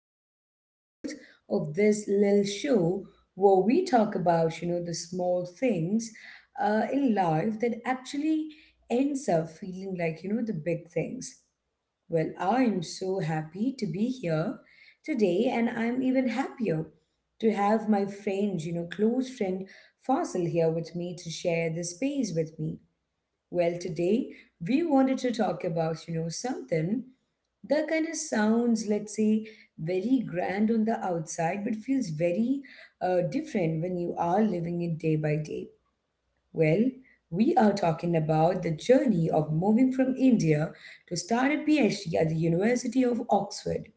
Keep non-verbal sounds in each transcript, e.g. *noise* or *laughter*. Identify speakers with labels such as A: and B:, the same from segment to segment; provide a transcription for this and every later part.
A: first episode of this little show where we talk about, the small things in life that actually ends up feeling like, the big things. Well, I am so happy to be here today, and I'm even happier to have my friend, close friend Fossil here with me to share this space with me. Well, today we wanted to talk about, something that kind of sounds, let's say, very grand on the outside, but feels very different when you are living it day by day. Well, we are talking about the journey of moving from India to start a PhD at the University of Oxford.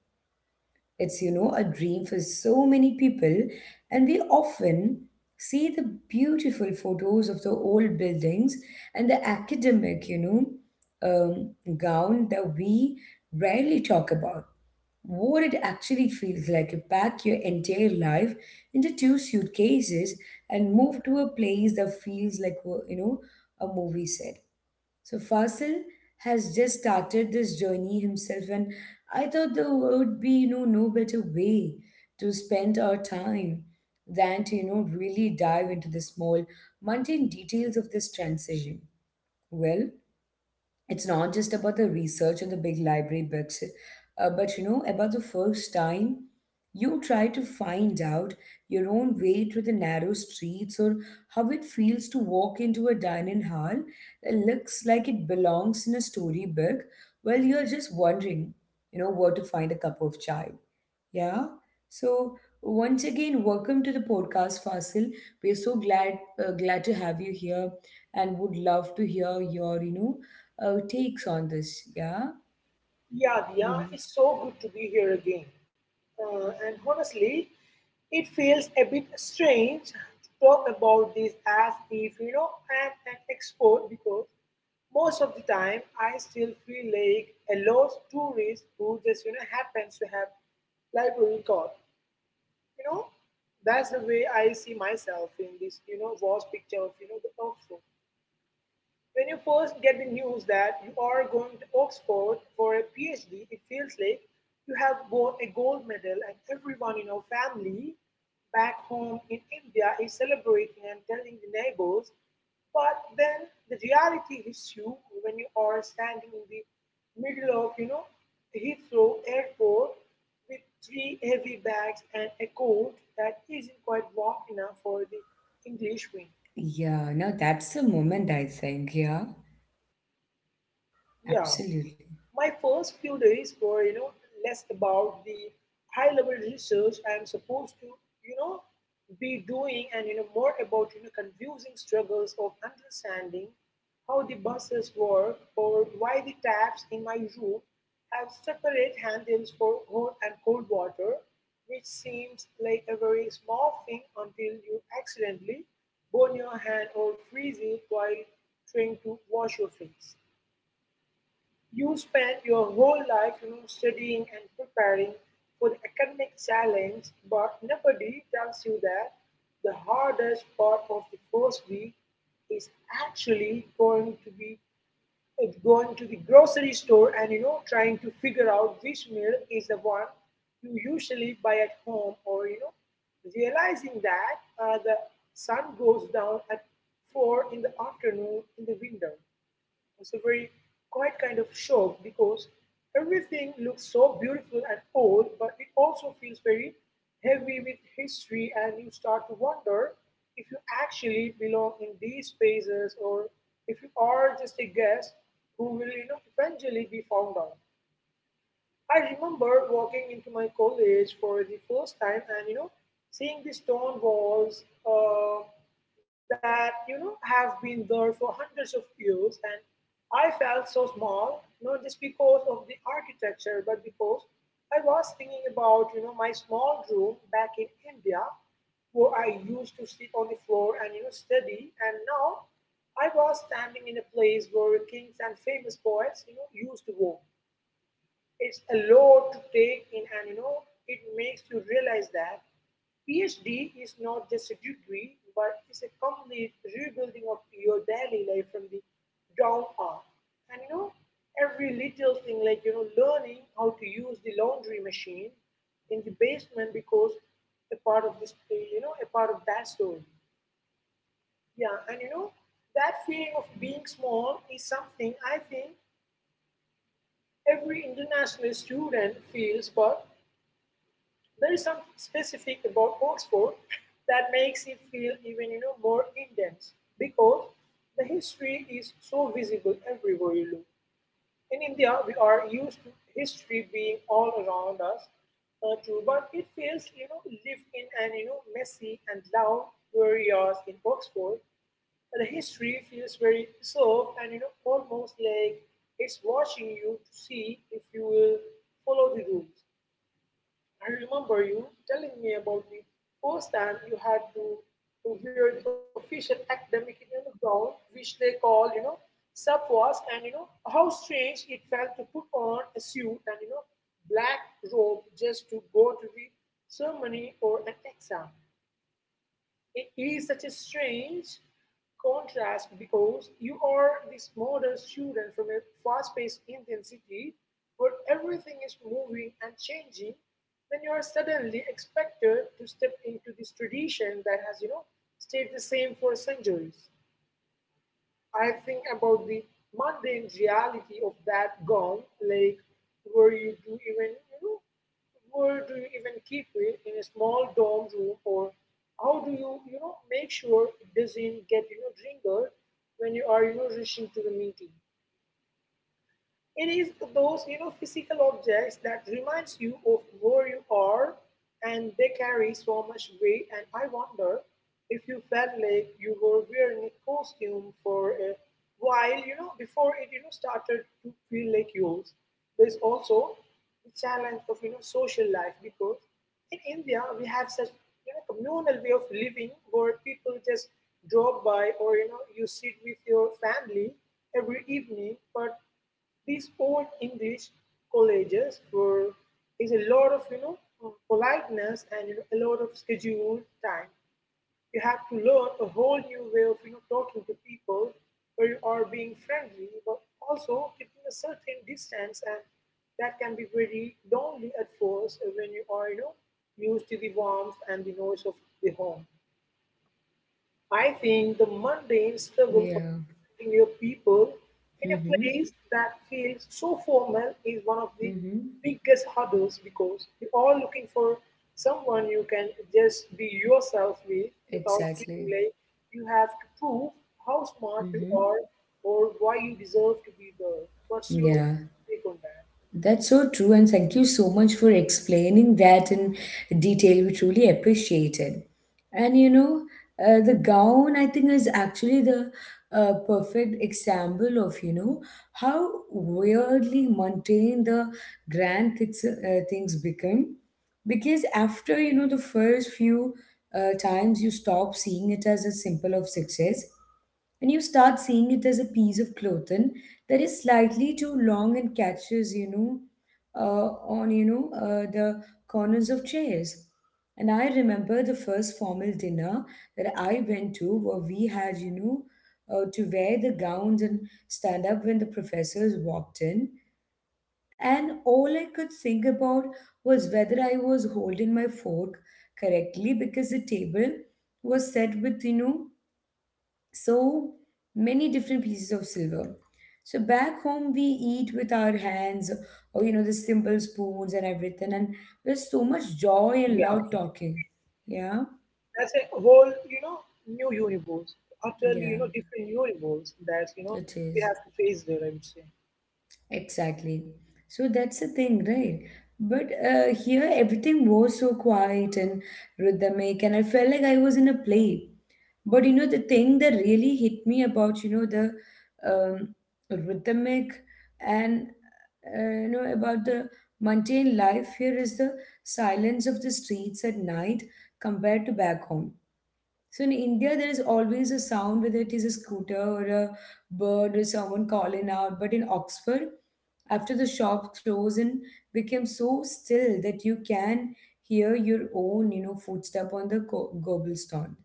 A: It's, a dream for so many people, and we often see the beautiful photos of the old buildings and the academic, um, gown that we rarely talk about. What it actually feels like to pack your entire life into two suitcases and move to a place that feels like, you know, a movie set. So Fasil has just started this journey himself, and I thought there would be, no better way to spend our time than to, really dive into the small, mundane details of this transition. Well, it's not just about the research and the big library books, but you know, about the first time you try to find out your own way through the narrow streets, or how it feels to walk into a dining hall that looks like it belongs in a storybook while you're just wondering, where to find a cup of chai. Yeah. So once again, welcome to the podcast, Fasil. We're so glad glad to have you here, and would love to hear your takes on this. Yeah.
B: Yeah, Diya,
A: Hmm.
B: it's so good to be here again. And honestly, it feels a bit strange to talk about this as if, I'm an expert because most of the time I still feel like a lost tourist who just, happens to have library card. You know, that's the way I see myself in this, vast picture of, the Oxford. When you first get the news that you are going to Oxford for a PhD, it feels like you have won a gold medal and everyone in your family back home in India is celebrating and telling the neighbors. But then the reality hits you when you are standing in the middle of, Heathrow Airport with three heavy bags and a coat that isn't quite warm enough for the English wind.
A: Yeah. Now that's the moment, I think. Yeah.
B: Yeah.
A: Absolutely.
B: My first few days were, less about the high level research I'm supposed to, you know, be doing and more about, confusing struggles of understanding how the buses work or why the taps in my room have separate handles for hot and cold water, which seems like a very small thing until you accidentally burn your hand or freeze it while trying to wash your face. You spend your whole life, studying and preparing for the academic challenge, but nobody tells you that the hardest part of the first week is actually going to be it's going to the grocery store and trying to figure out which meal is the one you usually buy at home or realizing that the sun goes down at four in the afternoon in the window it's a very quite kind of shock because everything looks so beautiful and old, but it also feels very heavy with history, and you start to wonder if you actually belong in these spaces or if you are just a guest who will eventually be found out. I remember walking into my college for the first time and seeing the stone walls that have been there for hundreds of years, and I felt so small, not just because of the architecture but because I was thinking about my small room back in India where I used to sit on the floor and study, and now I was standing in a place where kings and famous poets used to walk. It's a lot to take in, and you know, it makes you realize that PhD is not just a degree, but it's a complete rebuilding of your daily life from the ground up. And you know, every little thing like learning how to use the laundry machine in the basement because a part of this, a part of that story. Yeah, and you know, that feeling of being small is something I think every international student feels, but there is something specific about Oxford that makes it feel even more intense because the history is so visible everywhere you look. In India, we are used to history being all around us, too, but it feels lived in and messy and loud. Whereas in Oxford, the history feels very soft and almost like it's watching you to see if you will follow the rules. I remember you telling me about the first time you had to, wear the official academic gown, which they call, subwas, and how strange it felt to put on a suit and black robe just to go to the ceremony or an exam. It is such a strange contrast because you are this model student from a fast paced Indian city where everything is moving and changing. Then you are suddenly expected to step into this tradition that has, stayed the same for centuries. I think about the mundane reality of that gown, like were you to even, where do you even keep it in a small dorm room, or how do you, make sure it doesn't get, drinker when you are, rushing to the meeting? It is those physical objects that reminds you of where you are, and they carry so much weight. And I wonder if you felt like you were wearing a costume for a while, before it started to feel like yours. There's also the challenge of social life because in India we have such communal way of living where people just drop by or you sit with your family every evening, but these old English colleges were is a lot of politeness and a lot of scheduled time. You have to learn a whole new way of talking to people where you are being friendly but also keeping a certain distance, and that can be very lonely at first when you are used to the warmth and the noise of the home. I think the mundane struggle of
A: Yeah.
B: finding your people in a
A: Mm-hmm.
B: place that feels so formal is one of the
A: Mm-hmm.
B: biggest hurdles because you're all looking for someone you can just be yourself with without feeling
A: Exactly.
B: like you have to prove how smart you
A: Mm-hmm.
B: are or why you deserve to be there. What's your
A: Yeah.
B: take on that?
A: That's so true, and thank you so much for explaining that in detail. We truly appreciate it. And you know, the gown, I think, is actually the perfect example of you know how weirdly mundane the grand things become, because after you know the first few times you stop seeing it as a symbol of success and you start seeing it as a piece of clothing that is slightly too long and catches you know uh, on the corners of chairs. And I remember the first formal dinner that I went to where we had, you know, to wear the gowns and stand up when the professors walked in, and all I could think about was whether I was holding my fork correctly because the table was set with, you know, so many different pieces of silver. So back home, we eat with our hands or, you know, the simple spoons and everything, and there's so much
B: Yeah.
A: joy and loud talking. Yeah.
B: That's a whole new universe, utterly
A: Yeah,
B: different universe that
A: it
B: we
A: is.
B: have to face there, I would say.
A: Exactly. So that's the thing, right? But here everything was so quiet and rhythmic, and I felt like I was in a play. But you know, the thing that really hit me about, you know, the um, rhythmic and, you know, about the mundane life here is the silence of the streets at night compared to back home. So in India, there is always a sound, whether it is a scooter or a bird or someone calling out. But in Oxford, after the shop closed, and became so still that you can hear your own, you know, footstep on the cobblestone.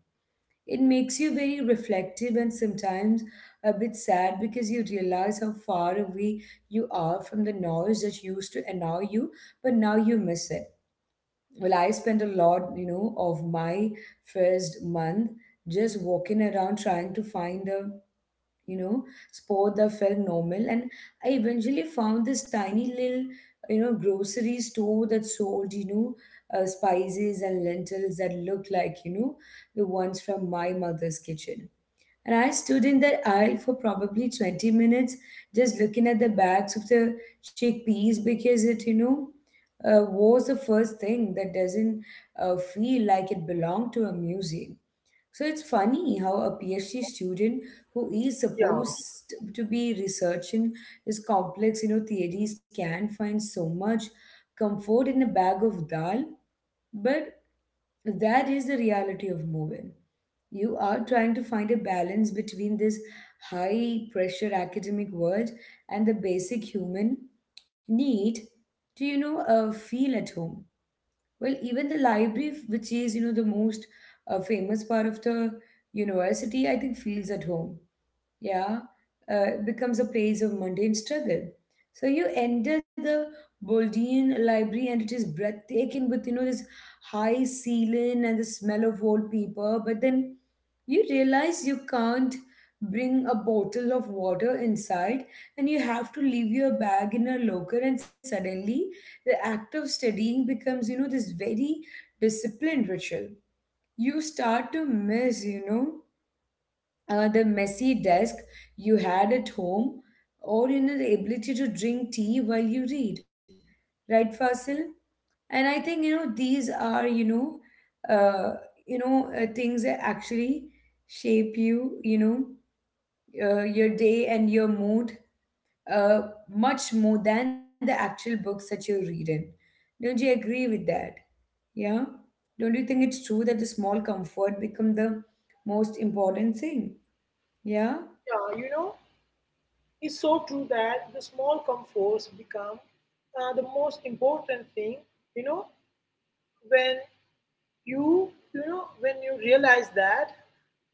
A: It makes you very reflective and sometimes a bit sad because you realize how far away you are from the noise that used to annoy you, but now you miss it. Well, I spent a lot, you know, of my first month just walking around trying to find a, you know, sport that felt normal. And I eventually found this tiny little, you know, grocery store that sold, you know, spices and lentils that looked like, you know, the ones from my mother's kitchen. And I stood in that aisle for probably 20 minutes just looking at the bags of the chickpeas because it, you know, was the first thing that doesn't feel like it belonged to a museum. So it's funny how a PhD student who is
B: Yeah,
A: supposed to be researching his complex, you know, theories can find so much comfort in a bag of dal, but that is the reality of moving. You are trying to find a balance between this high pressure academic world and the basic human need to, feel at home. Well, even the library, which is, you know, the most famous part of the university, I think feels at home, yeah, becomes a place of mundane struggle. So you enter the Boldean library and it is breathtaking with, you know, this high ceiling and the smell of old paper. But then you realize you can't bring a bottle of water inside and you have to leave your bag in a locker, and suddenly the act of studying becomes, you know, this very disciplined ritual. You start to miss, you know, the messy desk you had at home, or you know the ability to drink tea while you read, right, Fasil? And I think, you know, these are uh, things that actually shape you you know your day and your mood, uh, much more than the actual books that you're reading. Don't you agree with that? Yeah. Don't you think it's true that the small comfort become the most important thing? Yeah.
B: yeah, you know, it's so true that the small comforts become the most important thing, you know, when you, you know, when you realize that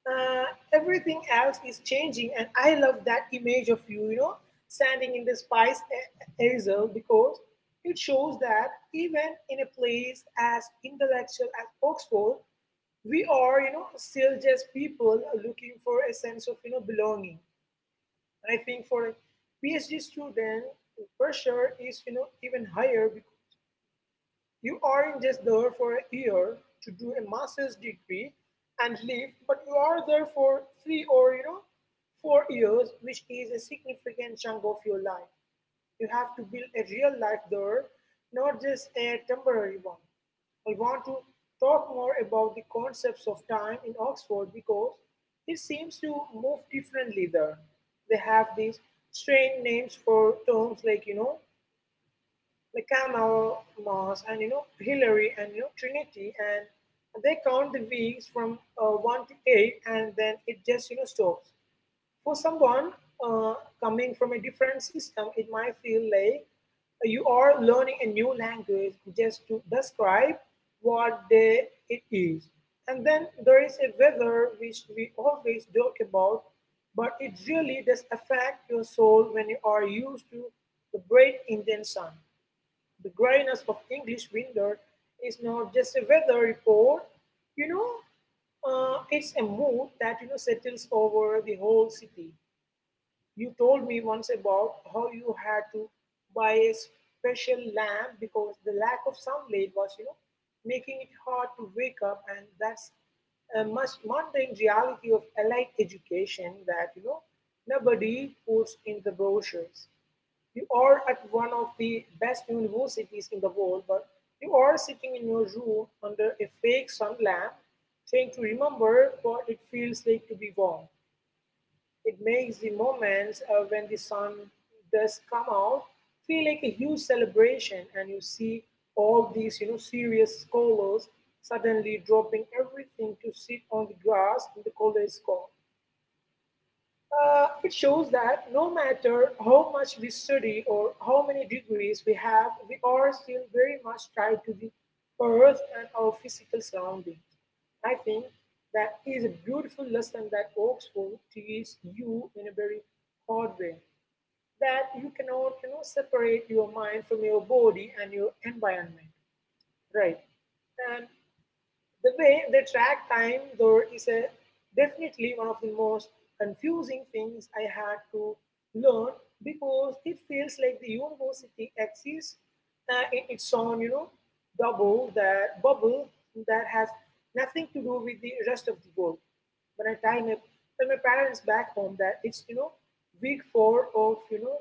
B: uh, everything else is changing. And I love that image of you, standing in the spice aisle because it shows that even in a place as intellectual as Oxford, we are, still just people looking for a sense of, belonging. And I think for a PhD student, pressure is even higher because you aren't just there for a year to do a master's degree and leave, but you are there for three or 4 years, which is a significant chunk of your life. You have to build a real life there, not just a temporary one. I want to talk more about the concepts of time in Oxford because it seems to move differently there. They have these strange names for terms like, like Kamau Mass and, Hillary and, Trinity. And they count the weeks from 1 to 8, and then it just, stops. For someone uh, coming from a different system, it might feel like you are learning a new language just to describe what day it is. And then there is a weather which we always joke about, but it really does affect your soul when you are used to the bright Indian sun. The grayness of English winter is not just a weather report, you know, it's a mood that settles over the whole city. You told me once about how you had to buy a special lamp because the lack of sunlight was, making it hard to wake up, and that's a much mundane reality of allied education that nobody puts in the brochures. You are at one of the best universities in the world, but you are sitting in your room under a fake sun lamp, trying to remember what it feels like to be warm. It makes the moments when the sun does come out feel like a huge celebration, and you see all these, serious scholars suddenly dropping everything to sit on the grass in the college court. It shows that no matter how much we study or how many degrees we have, we are still very much tied to the earth and our physical surroundings. I think that is a beautiful lesson that Oxford teaches you in a very hard way. That you cannot, separate your mind from your body and your environment, right? And the way they track time, though, is a definitely one of the most confusing things I had to learn because it feels like the university exists in its own, bubble that has nothing to do with the rest of the world. When I tell tell my parents back home that it's week four of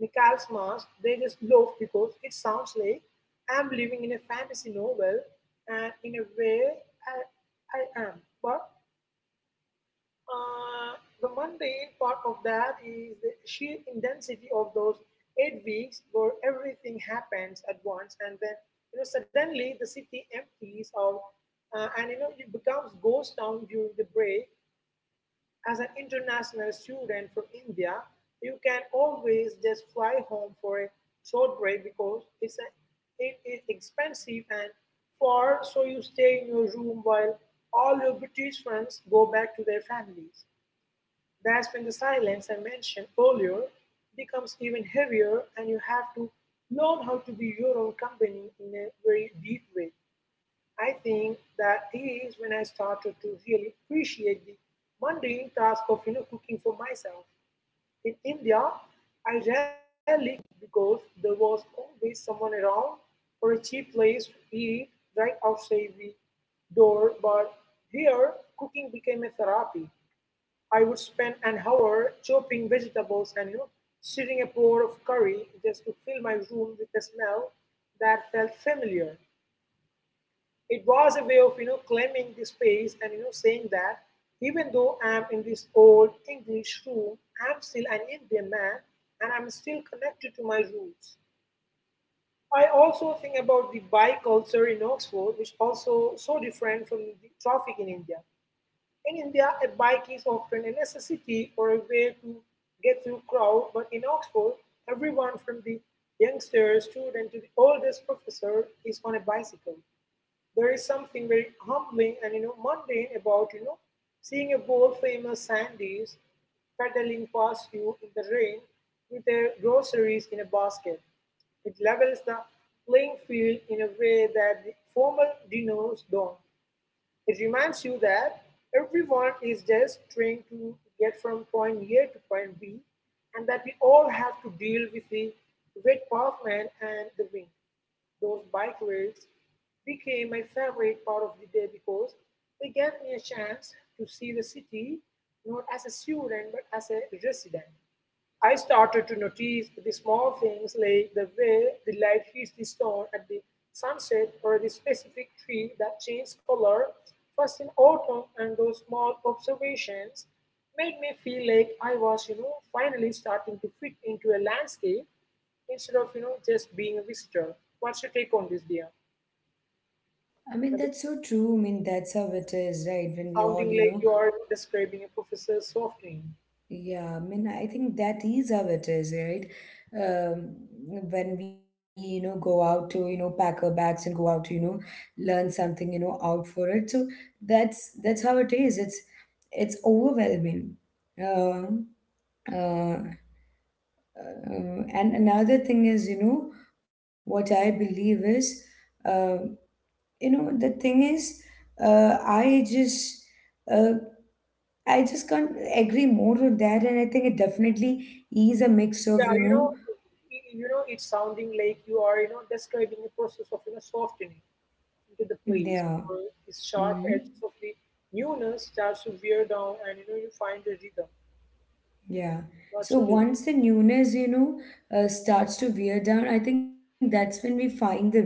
B: Michael's mask, they just love because it sounds like I'm living in a fantasy novel, and in a way I, I am. But uh, the mundane part of that is the sheer intensity of those 8 weeks where everything happens at once, and then suddenly the city empties out, and it becomes ghost town during the break. As an international student from India, you can always just fly home for a short break because it is expensive and far, so you stay in your room while all your British friends go back to their families. That's when the silence I mentioned earlier becomes even heavier, and you have to learn how to be your own company in a very deep way. I think that is when I started to really appreciate the mundane task of cooking for myself. In India, I rarely cooked because there was always someone around or a cheap place to eat right outside the door. But here, cooking became a therapy. I would spend an hour chopping vegetables and, stirring a pot of curry just to fill my room with a smell that felt familiar. It was a way of claiming the space and saying that, even though I'm in this old English room, I'm still an Indian man and I'm still connected to my roots. I also think about the bike culture in Oxford, which also so different from the traffic in India. In India, a bike is often a necessity or a way to get through crowd, but in Oxford, everyone from the youngsters student to the oldest professor is on a bicycle. There is something very humbling and, mundane about seeing a world famous sandys pedaling past you in the rain with their groceries in a basket. It levels the playing field in a way that the formal dinners don't. It reminds you that everyone is just trying to get from point A to point B, and that we all have to deal with the wet pavement and the wind. Those bike rides became my favorite part of the day because they gave me a chance to see the city not as a student but as a resident. I started to notice the small things, like the way the light hits the stone at the sunset, or the specific tree that changes color first in autumn, and those small observations made me feel like I was, finally starting to fit into a landscape instead of just being a visitor. What's your take on this, dear?
A: I mean,
B: And it's
A: that's so true. I mean, that's how it is, right? When we all,
B: sounding
A: you
B: like
A: know,
B: you are describing a professor softening.
A: yeah, I mean, I think that is how it is, right? Um, when we, you know, go out to, you know, pack our bags and go out to, you know, learn something, you know, out for it. So that's how it is. It's overwhelming. Um, uh, and another thing is, you know, what I believe is, um, you know, the thing is, uh, I just uh, I just can't agree more with that, and I think it definitely is a mix of,
B: Yeah,
A: you know,
B: it's sounding like you are describing a process of softening into the place
A: yeah,
B: where the sharp
A: hmm,
B: edges of the newness starts to wear down, and you find the rhythm.
A: yeah.
B: What's
A: So
B: your take?
A: once the newness, you know, starts to wear down, I think that's when we find the rhythm.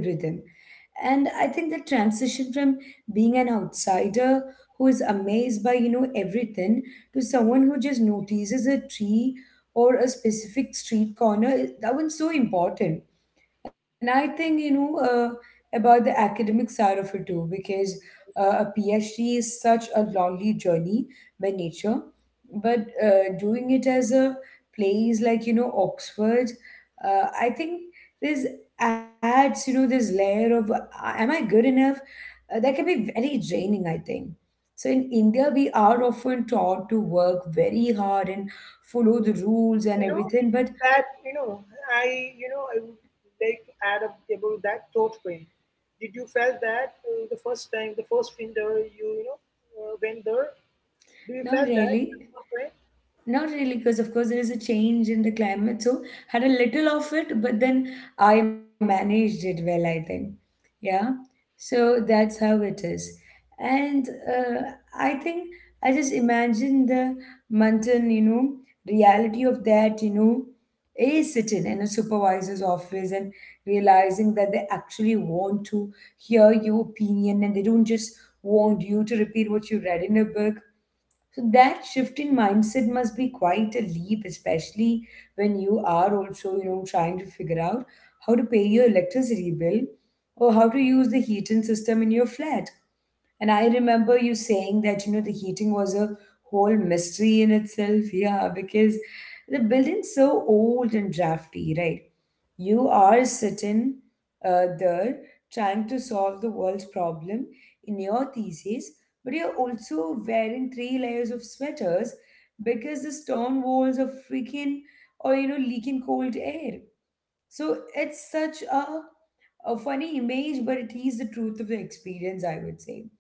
A: And I think the transition from being an outsider who is amazed by, you know, everything to someone who just notices a tree or a specific street corner, that one's so important. And I think, you know, about the academic side of it too, because a PhD is such a lonely journey by nature. But doing it as a place like, you know, Oxford, I think this adds, you know, this layer of, am I good enough? That can be very draining, I think. So in India, we are often taught to work very hard and follow the rules and
B: You know
A: everything, but
B: that you know I would like to add up about that thought pain. Did you felt that, the first time, the first winter you you know went there, do you
A: not
B: felt that
A: really.
B: thought pain?
A: Not really, because of course there is a change in the climate. So had a little of it, but then I managed it well, I think. Yeah. So that's how it is. And I think I just imagine the mountain, you know, reality of that, you know, is sitting in a supervisor's office and realizing that they actually want to hear your opinion, and they don't just want you to repeat what you read in a book. So that shift in mindset must be quite a leap, especially when you are also, you know, trying to figure out how to pay your electricity bill or how to use the heating system in your flat. And I remember you saying that, you know, the heating was a whole mystery in itself. *laughs* Yeah, because the building's so old and drafty, right? You are sitting there trying to solve the world's problem in your thesis, but you're also wearing three layers of sweaters because the stone walls are freaking, or, you know, leaking cold air. So it's such a funny image, but it is the truth of the experience, I would say.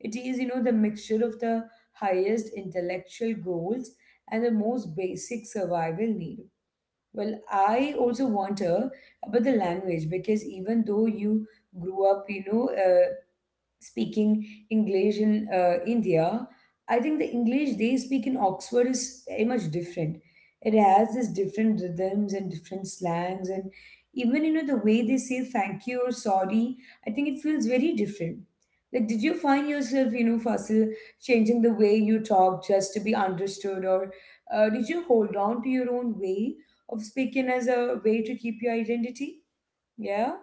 A: It is, you know, the mixture of the highest intellectual goals and the most basic survival need. Well, I also wonder about the language, because even though you grew up, speaking English in India, I think the English they speak in Oxford is very much different. It has this different rhythms and different slangs, and even you know the way they say thank you or sorry. I think it feels very different. Like, did you find yourself, you know, Fasil, changing the way you talk just to be understood, or did you hold on to your own way of speaking as a way to keep your identity? Yeah.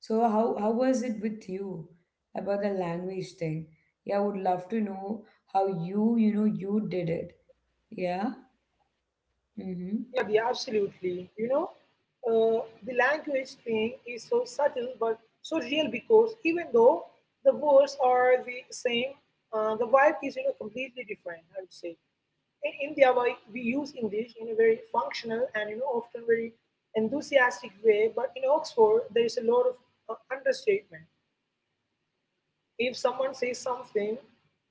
A: So how was it with you about the language thing? Yeah, I would love to know how you did it. Yeah.
B: Yeah, the
A: Mm-hmm.
B: absolutely, uh, the language thing is so subtle but so real, because even though the words are the same, the vibe is completely different, I would say. In India, why we use English in a very functional and often very enthusiastic way, but in Oxford there is a lot of understatement. If someone says something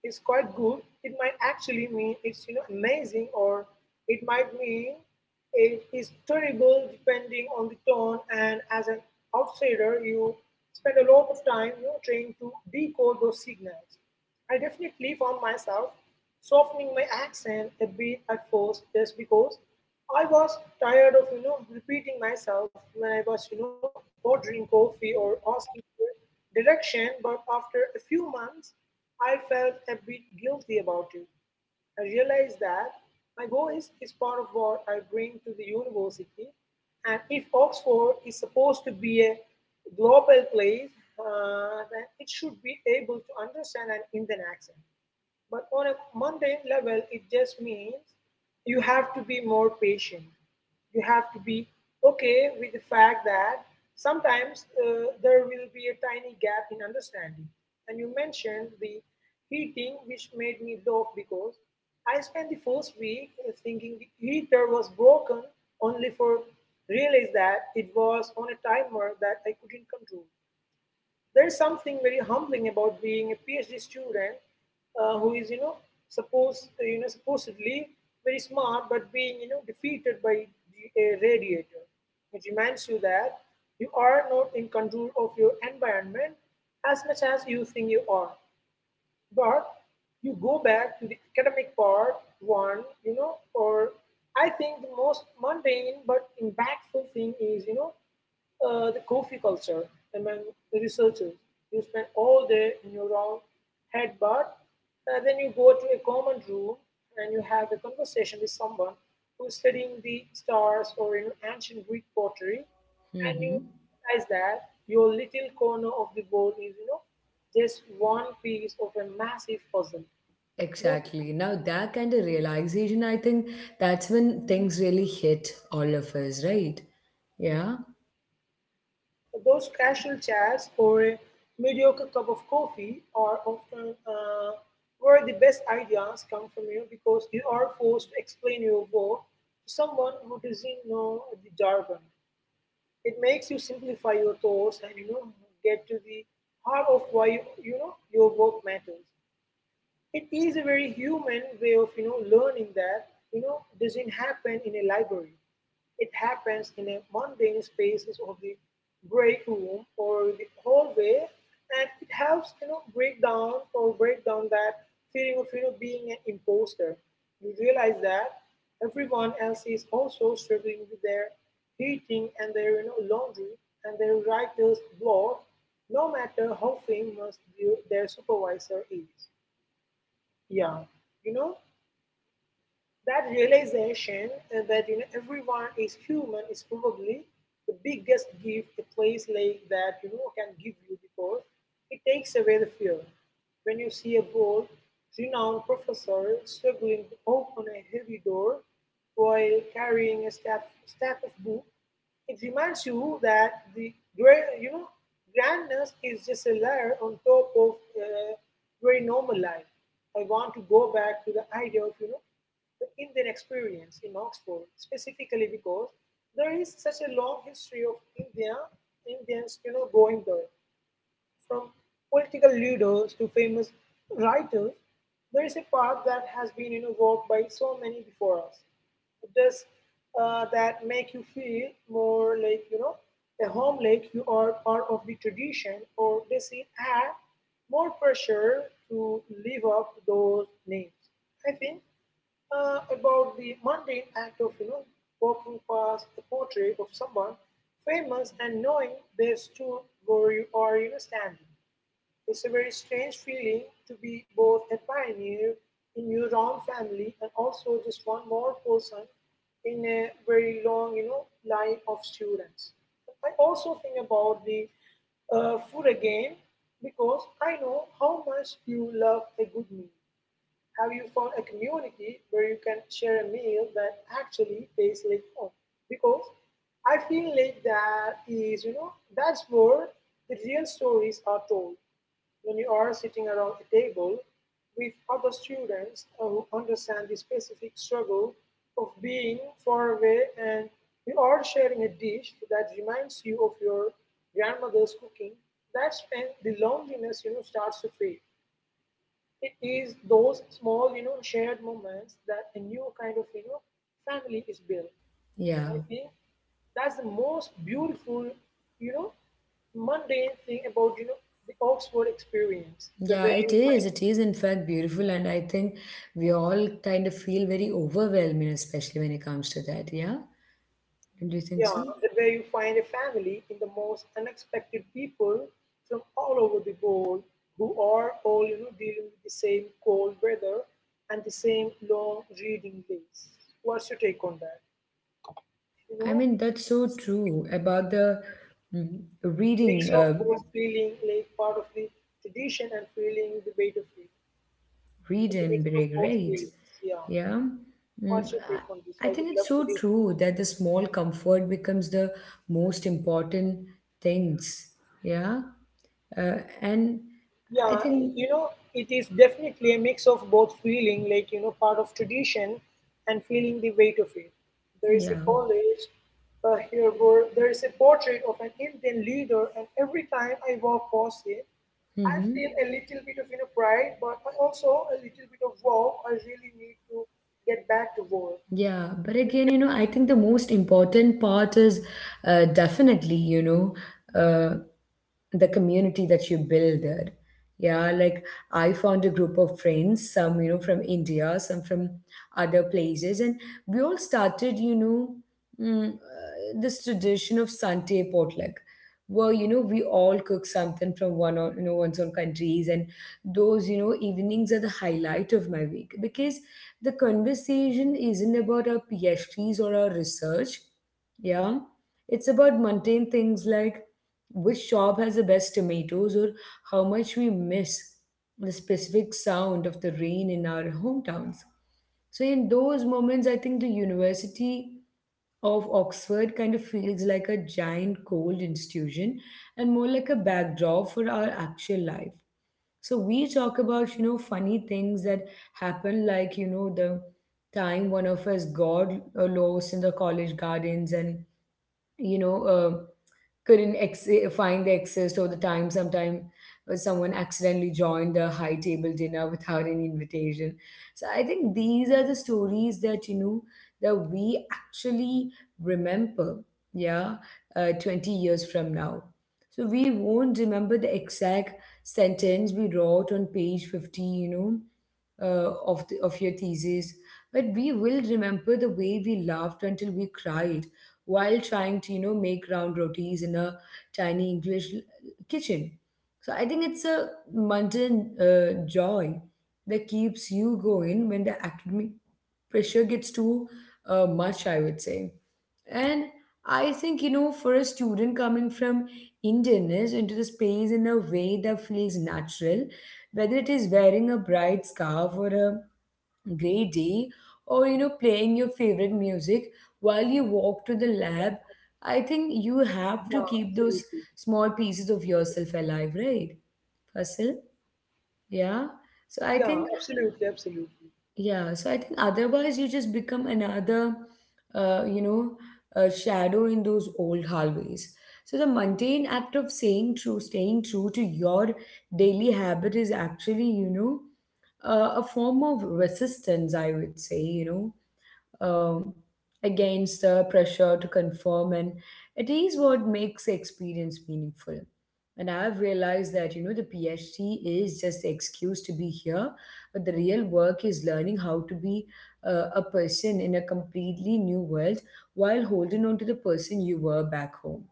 B: is quite good, it might actually mean it's amazing, or it might mean it is terrible depending on the tone. And as an outsider, you spend a lot of time trying to decode those signals. I definitely found myself softening my accent a bit at first, just because I was tired of, repeating myself when I was, ordering coffee or asking for direction. But after a few months, I felt a bit guilty about it. I realize that my voice is part of what I bring to the university. And if Oxford is supposed to be a global place, then it should be able to understand an Indian accent. But on a mundane level, it just means you have to be more patient. You have to be okay with the fact that sometimes there will be a tiny gap in understanding. And you mentioned the heating, which made me laugh because I spent the first week thinking the heater was broken, only for realize that it was on a timer that I couldn't control. There is something very humbling about being a PhD student who is, supposedly very smart, but being, defeated by a radiator. It reminds you that you are not in control of your environment as much as you think you are. But you go back to the academic part one, or I think the most mundane but impactful thing is, the coffee culture among the researchers. You spend all day in your own head, but then you go to a common room and you have a conversation with someone who's studying the stars or, ancient Greek pottery, and you
A: Mm-hmm.
B: realize that your little corner of the board is, just one piece of a massive puzzle. Those,
A: Exactly. Now, that kind of realization, I think that's when things really hit all of us, right? Yeah.
B: those casual chats or a mediocre cup of coffee are often, where the best ideas come from, because you are forced to explain your work to someone who doesn't know the jargon. It makes you simplify your thoughts and get to the heart of why you, you know your work matters. It is a very human way of learning that doesn't happen in a library. It happens in a mundane spaces of the break room or the hallway, and it helps break down that feeling of being an imposter. You realize that everyone else is also struggling with their heating and their laundry and their writer's block, no matter how famous their supervisor is. Yeah, you know, that realization, that, everyone is human, is probably the biggest gift a place like that can give you, because it takes away the fear. When you see a world renowned professor struggling to open a heavy door while carrying a stack of books, it reminds you that the great, grandness is just a layer on top of uh, very normal life. I want to go back to the idea of the Indian experience in Oxford, specifically because there is such a long history of Indians, going there. From political leaders to famous writers, there is a path that has been, walked by so many before us. Does that make you feel more like, a home, like you are part of the tradition, or does it add more pressure to live up to those names? I think about the mundane act of walking past the portrait of someone famous and knowing they stood where you are standing. It's a very strange feeling to be both a pioneer in your own family and also just one more person in a very long line of students. I also think about the food again, because I know how much you love a good meal. Have you found a community where you can share a meal that actually tastes like home? Because I feel like that is, that's where the real stories are told. When you are sitting around a table with other students who understand the specific struggle of being far away, and you are sharing a dish that reminds you of your grandmother's cooking, that's when the loneliness, starts to fade. It is those small, shared moments that a new kind of, family is built.
A: Yeah.
B: I think that's the most beautiful, you know, mundane thing about, the Oxford experience. The
A: Yeah,
B: way
A: it
B: you
A: is.
B: find,
A: It is, in fact, beautiful. And I think we all kind of feel very overwhelming, especially when it comes to that. Yeah. Don't you think so?
B: yeah, the way you find a family in the most unexpected people from all over the world, who are all, dealing with the same cold weather and the same long reading days. What's your take on that? You
A: I
B: know?
A: mean, that's so true about the mm,
B: Mix
A: reading,
B: of course feeling like part of the tradition and feeling the weight of it.
A: read
B: And the
A: and
B: mix of
A: break,
B: both
A: right?
B: feelings. Yeah.
A: Yeah. Mm,
B: What's your take on this?
A: I I
B: I would
A: think it's
B: love to
A: so
B: hear,
A: true that the small comfort becomes the most important things. Yeah. Uh, and
B: yeah,
A: I think,
B: it is definitely a mix of both feeling like, part of tradition and feeling the weight of it. There is a
A: yeah.
B: college here where there is a portrait of an Indian leader, and every time I walk past it I feel
A: Mm-hmm.
B: a little bit of, pride, but I also a little bit of wow, I really need to get back to work.
A: Yeah. But
B: And
A: again,
B: get-
A: I think the most important part is definitely, uh, the community that you build there. Yeah, like I found a group of friends, some, from India, some from other places, and we all started, this tradition of Sunday potluck, where, we all cook something from one or, one's own countries. And those, evenings are the highlight of my week because the conversation isn't about our PhDs or our research. Yeah, it's about mundane things like which shop has the best tomatoes or how much we miss the specific sound of the rain in our hometowns. So, in those moments, I think the University of Oxford kind of feels like a giant cold institution and more like a backdrop for our actual life. So we talk about, funny things that happen, like, the time one of us got lost in the college gardens and, you know, uh, couldn't find the access all the time. Sometime someone accidentally joined a high table dinner without any invitation. So I think these are the stories that you know that we actually remember. Yeah, 20 years from now. So we won't remember the exact sentence we wrote on page 50. Of your thesis, but we will remember the way we laughed until we cried while trying to make round rotis in a tiny English kitchen. So I think it's a mundane joy that keeps you going when the academic pressure gets too much, I would say. And I think, for a student coming from Indianness into the space in a way that feels natural, whether it is wearing a bright scarf or a greedy or playing your favorite music while you walk to the lab. I think you
B: yeah,
A: have to keep
B: absolutely.
A: those small pieces of yourself alive, right, Fasil? yeah so i
B: Yeah,
A: think
B: absolutely, absolutely.
A: yeah So I think otherwise you just become another uh, you know a shadow in those old hallways. So the mundane act of saying true staying true to your daily habit is actually, a form of resistance, I would say, um, against the pressure to conform, and it is what makes the experience meaningful. And I've realized that the PhD is just the excuse to be here, but the real work is learning how to be a person in a completely new world while holding on to the person you were back home.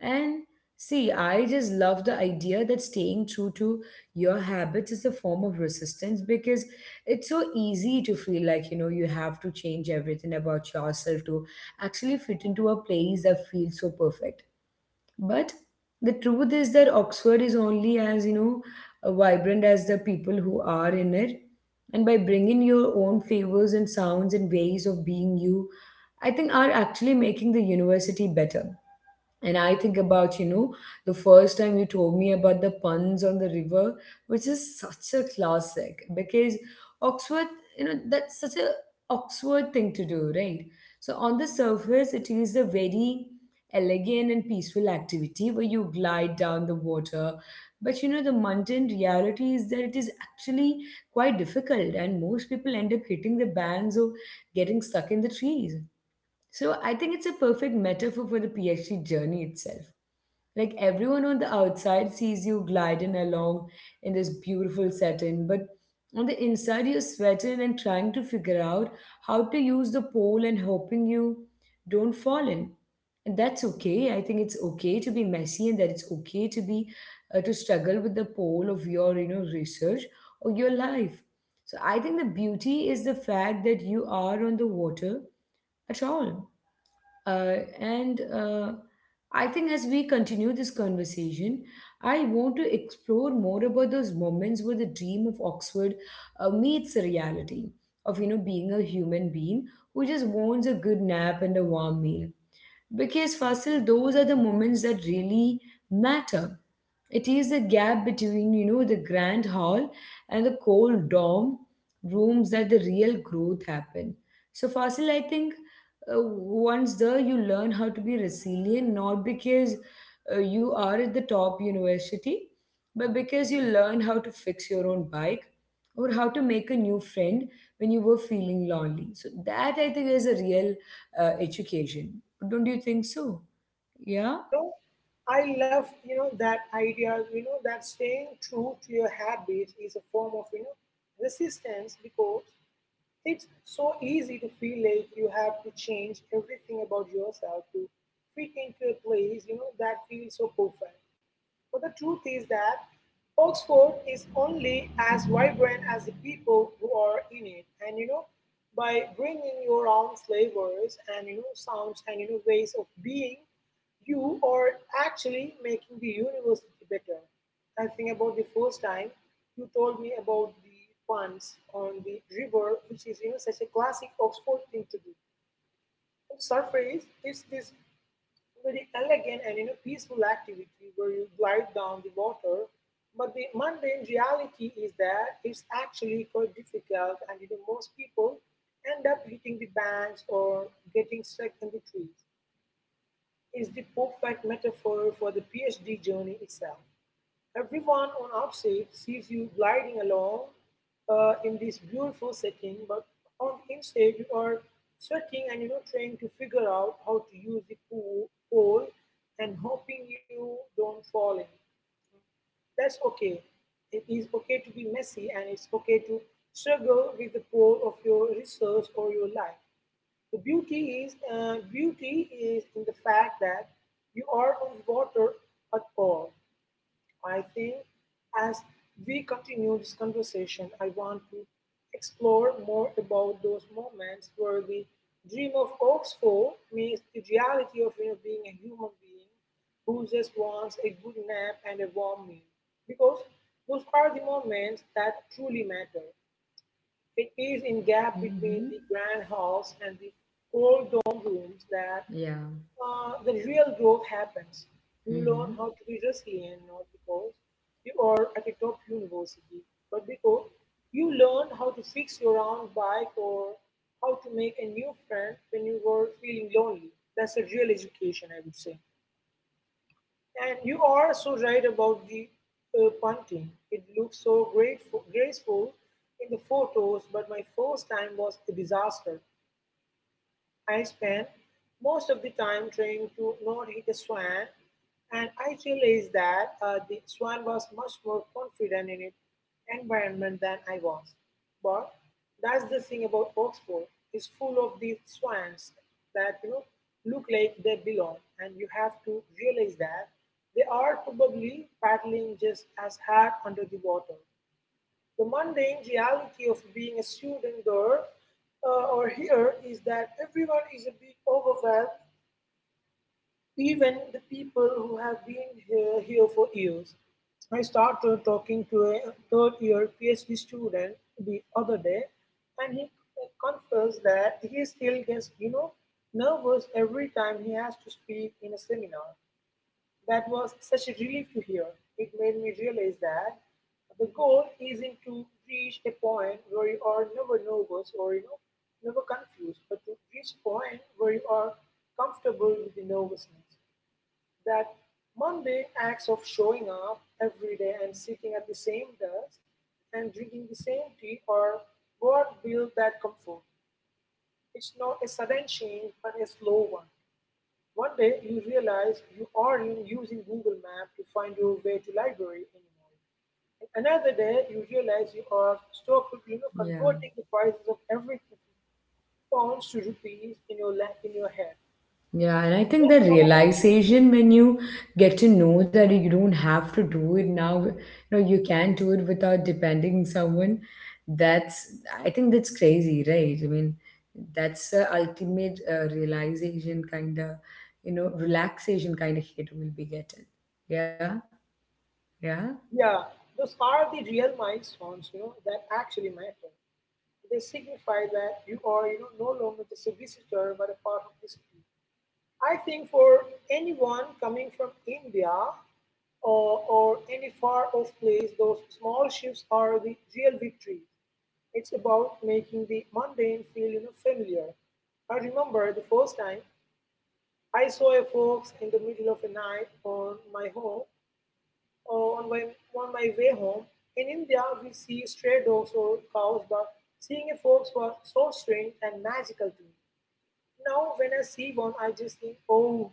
A: And see, I just love the idea that staying true to your habits is a form of resistance because it's so easy to feel like, you have to change everything about yourself to actually fit into a place that feels so perfect. But the truth is that Oxford is only as, vibrant as the people who are in it. And by bringing your own flavors and sounds and ways of being you, I think are actually making the university better. And I think about, the first time you told me about the puns on the river, which is such a classic because Oxford, that's such a Oxford thing to do, right? So on the surface, it is a very elegant and peaceful activity where you glide down the water. But, the mundane reality is that it is actually quite difficult, and most people end up hitting the bands or getting stuck in the trees. So I think it's a perfect metaphor for the PhD journey itself. Like everyone on the outside sees you gliding along in this beautiful setting, but on the inside you're sweating and trying to figure out how to use the pole and hoping you don't fall in. And that's okay. I think it's okay to be messy and that it's okay to be to struggle with the pole of your research or your life. So I think the beauty is the fact that you are on the water at all. And I think as we continue this conversation, I want to explore more about those moments where the dream of Oxford meets the reality of being a human being who just wants a good nap and a warm meal. Because Fasil, those are the moments that really matter. It is the gap between, the grand hall and the cold dorm rooms that the real growth happen. So, Fasil, I think once there you learn how to be resilient, not because you are at the top university, but because you learn how to fix your own bike or how to make a new friend when you were feeling lonely. So, that I think is a real education. Don't you think so? Yeah?
B: you know I love, that idea, that staying true to your habits is a form of, resistance, because it's so easy to feel like you have to change everything about yourself to fit into a place, that feels so perfect. But the truth is that Oxford is only as vibrant as the people who are in it. And, by bringing your own flavors and, sounds and, ways of being, you are actually making the university better. I think about the first time you told me about the puns on the river, which is, such a classic Oxford thing to do. On the surface, it's this very elegant and, peaceful activity where you glide down the water. But the mundane reality is that it's actually quite difficult, and, most people end up hitting the banks or getting stuck in the trees. It's the perfect metaphor for the PhD journey itself. Everyone on outside sees you gliding along in this beautiful setting, but on inside you are sweating and, trying to figure out how to use the pole and hoping you don't fall in. That's okay. It is okay to be messy, and it's okay to struggle with the pole of your research or your life. The beauty is, in the fact that you are on water at all. I think as we continue this conversation, I want to explore more about those moments where the dream of Oxford meets the reality of, being a human being who just wants a good nap and a warm meal. Because those are the moments that truly matter. It is in gap between
A: Hmm.
B: the grand halls and the cold dome rooms that
A: Yeah.
B: the real growth happens. You learn
A: Hmm.
B: how to be resilient, not because you are at a top university, but because you learn how to fix your own bike or how to make a new friend when you were feeling lonely. That's a real education, I would say. And you are so right about the punting. It looks so graceful in the photos, but my first time was a disaster. I spend most of the time trying to not hit a swan, and I realized that the swan was much more confident in its environment than I was. But that's the thing about Oxford; it's full of these swans that, look like they belong, and you have to realize that they are probably paddling just as hard under the water. The mundane reality of being a student there, or here, is that everyone is a bit overwhelmed, even the people who have been here for years. I started talking to a third year PhD student the other day, and he confessed that he still gets, you know, nervous every time he has to speak in a seminar. That was such a relief to hear. It made me realize that the goal isn't to reach a point where you are never nervous or, never confused, but to reach a point where you are comfortable with the nervousness. That mundane acts of showing up every day and sitting at the same desk and drinking the same tea are what build that comfort. It's not a sudden change, but a slow one. One day you realize you aren't using Google Maps to find your way to library anymore. And another day you realize you are stuck with, you know,
A: Yeah,
B: converting the prices of everything from pounds to rupees in your in your head.
A: yeah, and I think
B: Those
A: the
B: are,
A: realization when you get to know that you don't have to do it now, you can do it without depending on someone. That's, I think that's crazy, right? I mean, that's the ultimate realization kind of, relaxation kind of hit we'll be getting. Yeah, yeah.
B: yeah, those are the real milestones, you know, that actually matter. They signify that you are, you know, no longer just a visitor but a part of history. I think for anyone coming from India or any far off place, those small shifts are the real victory. It's about making the mundane feel, you know, familiar. I remember the first time I saw a fox in the middle of the night on my home, or on my, on my way home. In India, we see stray dogs or cows, but seeing a fox was so strange and magical to me. Now, when I see one, I just think, oh,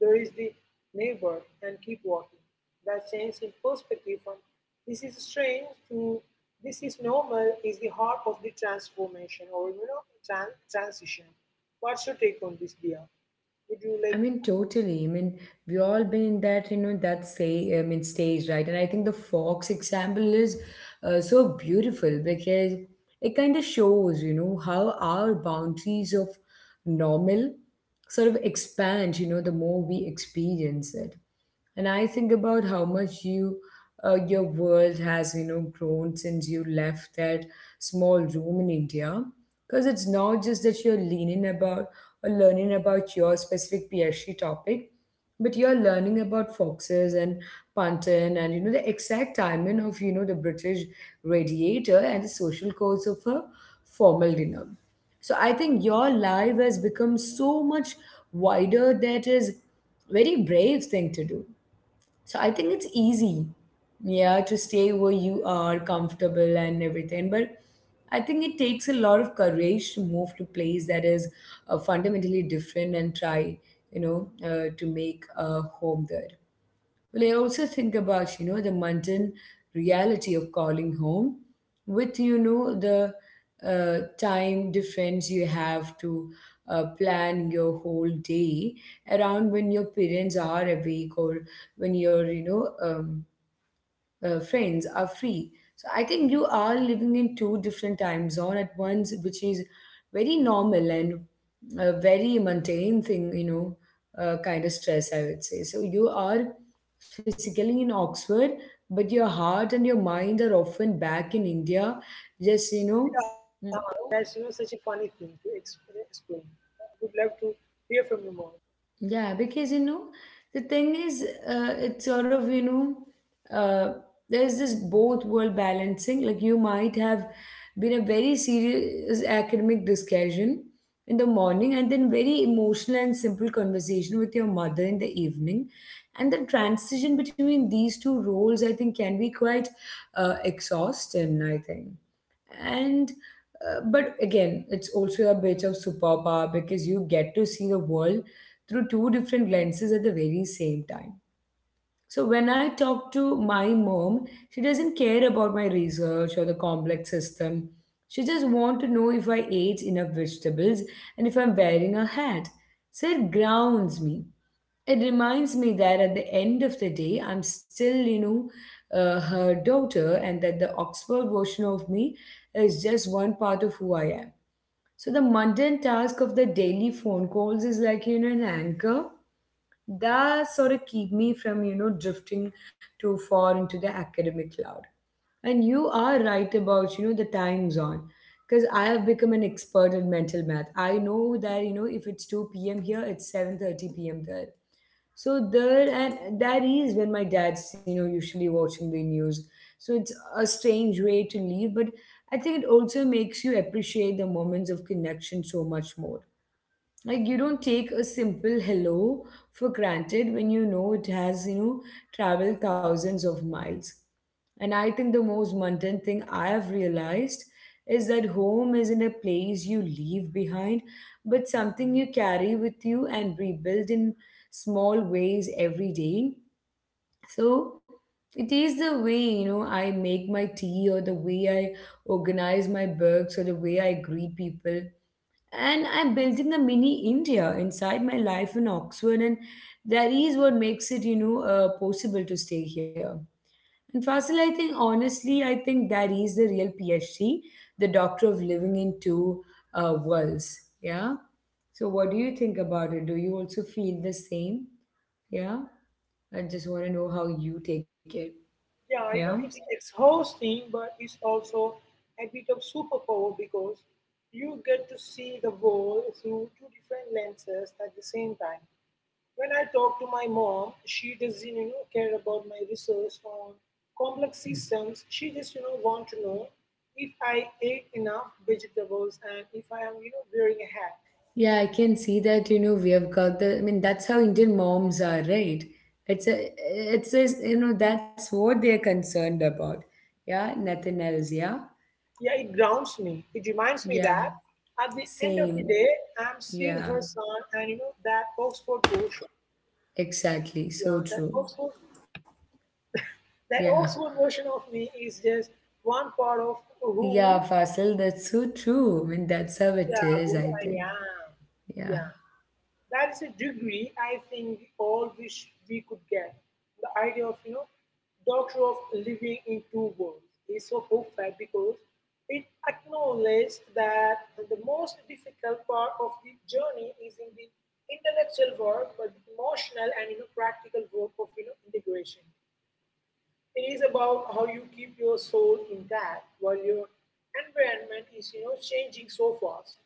B: there is the neighbor and keep walking. That change in perspective from this is strange to this is normal is the heart of the transformation or, you know transition. What's your take on this, Dia? Would you
A: I
B: like to?
A: mean, totally. I mean, we all been in that, that say, I mean, stage, right? And I think the Fox example is so beautiful because it kind of shows, how our boundaries of normal sort of expand, the more we experience it. And I think about how much your world has grown since you left that small room in India, because it's not just that you're leaning about or learning about your specific PhD topic, but you're learning about foxes and panton and the exact timing of the British radiator and the social codes of a formal dinner. So I think your life has become so much wider. That is very brave thing to do. So I think it's easy, yeah, to stay where you are comfortable and everything. But I think it takes a lot of courage to move to place that is fundamentally different and try, to make a home there. Well, I also think about, the mundane reality of calling home with, the time difference. You have to plan your whole day around when your parents are awake or when you're, friends are free. So I think you are living in two different time zone at once, which is very normal and a very mundane thing, kind of stress, I would say. So you are physically in Oxford, but your heart and your mind are often back in India, just,
B: Yeah,
A: know,
B: that's, such a funny thing to explain. I would love to hear from you more.
A: Yeah. Because, the thing is, it's sort of, uh, there's this both world balancing. Like, you might have been a very serious academic discussion in the morning and then very emotional and simple conversation with your mother in the evening. And the transition between these two roles, I think, can be quite exhausting, I think. And But again, it's also a bit of superpower because you get to see the world through two different lenses at the very same time. So when I talk to my mom, she doesn't care about my research or the complex system. She just wants to know if I ate enough vegetables and if I'm wearing a hat. So it grounds me. It reminds me that at the end of the day, I'm still, her daughter, and that the Oxford version of me is just one part of who I am. So the mundane task of the daily phone calls is like, an anchor that sort of keep me from, drifting too far into the academic cloud. And you are right about, the time zone. Because I have become an expert in mental math. I know that, if it's 2 p.m. here, it's 7:30 p.m. There, and that is when my dad's, usually watching the news. So it's a strange way to leave, but I think it also makes you appreciate the moments of connection so much more, like you don't take a simple hello for granted when it has traveled thousands of miles. And I think the most mundane thing I have realized is that home isn't a place you leave behind, but something you carry with you and rebuild in small ways every day. So it is the way I make my tea, or the way I organize my books, or the way I greet people. And I'm building a mini India inside my life in Oxford, and that is what makes it possible to stay here. And Fasil, I think honestly, I think that is the real PhD, the doctor of living in two worlds. Yeah. So, what do you think about it? Do you also feel the same? Yeah. I just want to know how you take it.
B: Yeah,
A: Yeah.
B: you know it's exhausting, but it's also a bit of superpower because you get to see the world through two different lenses at the same time. When I talk to my mom, she doesn't, care about my research on complex systems. She just, want to know if I ate enough vegetables and if I am, wearing a hat.
A: Yeah, I can see that, we have got the — I mean, that's how Indian moms are, right? It's just, that's what they're concerned about. Yeah, nothing else. Yeah.
B: Yeah, it grounds me. It reminds me
A: Yeah.
B: that at the end of the
A: Same.
B: day, I'm still
A: Yeah.
B: her son, and, that Oxford version,
A: Exactly.
B: yeah,
A: So true.
B: That
A: Yeah.
B: Oxford version of me is just one part of
A: Yeah,
B: who,
A: Fasil, that's so true. I mean, that's how it
B: yeah,
A: is,
B: who
A: I
B: I
A: think.
B: am.
A: Yeah.
B: Yeah. That's a degree I think we all wish we could get. The idea of, doctor of living in two worlds is so perfect because it acknowledges that the most difficult part of the journey is in the intellectual work, but the emotional and, you know, practical work of, you know, integration. It is about how you keep your soul intact while your environment is, changing so fast.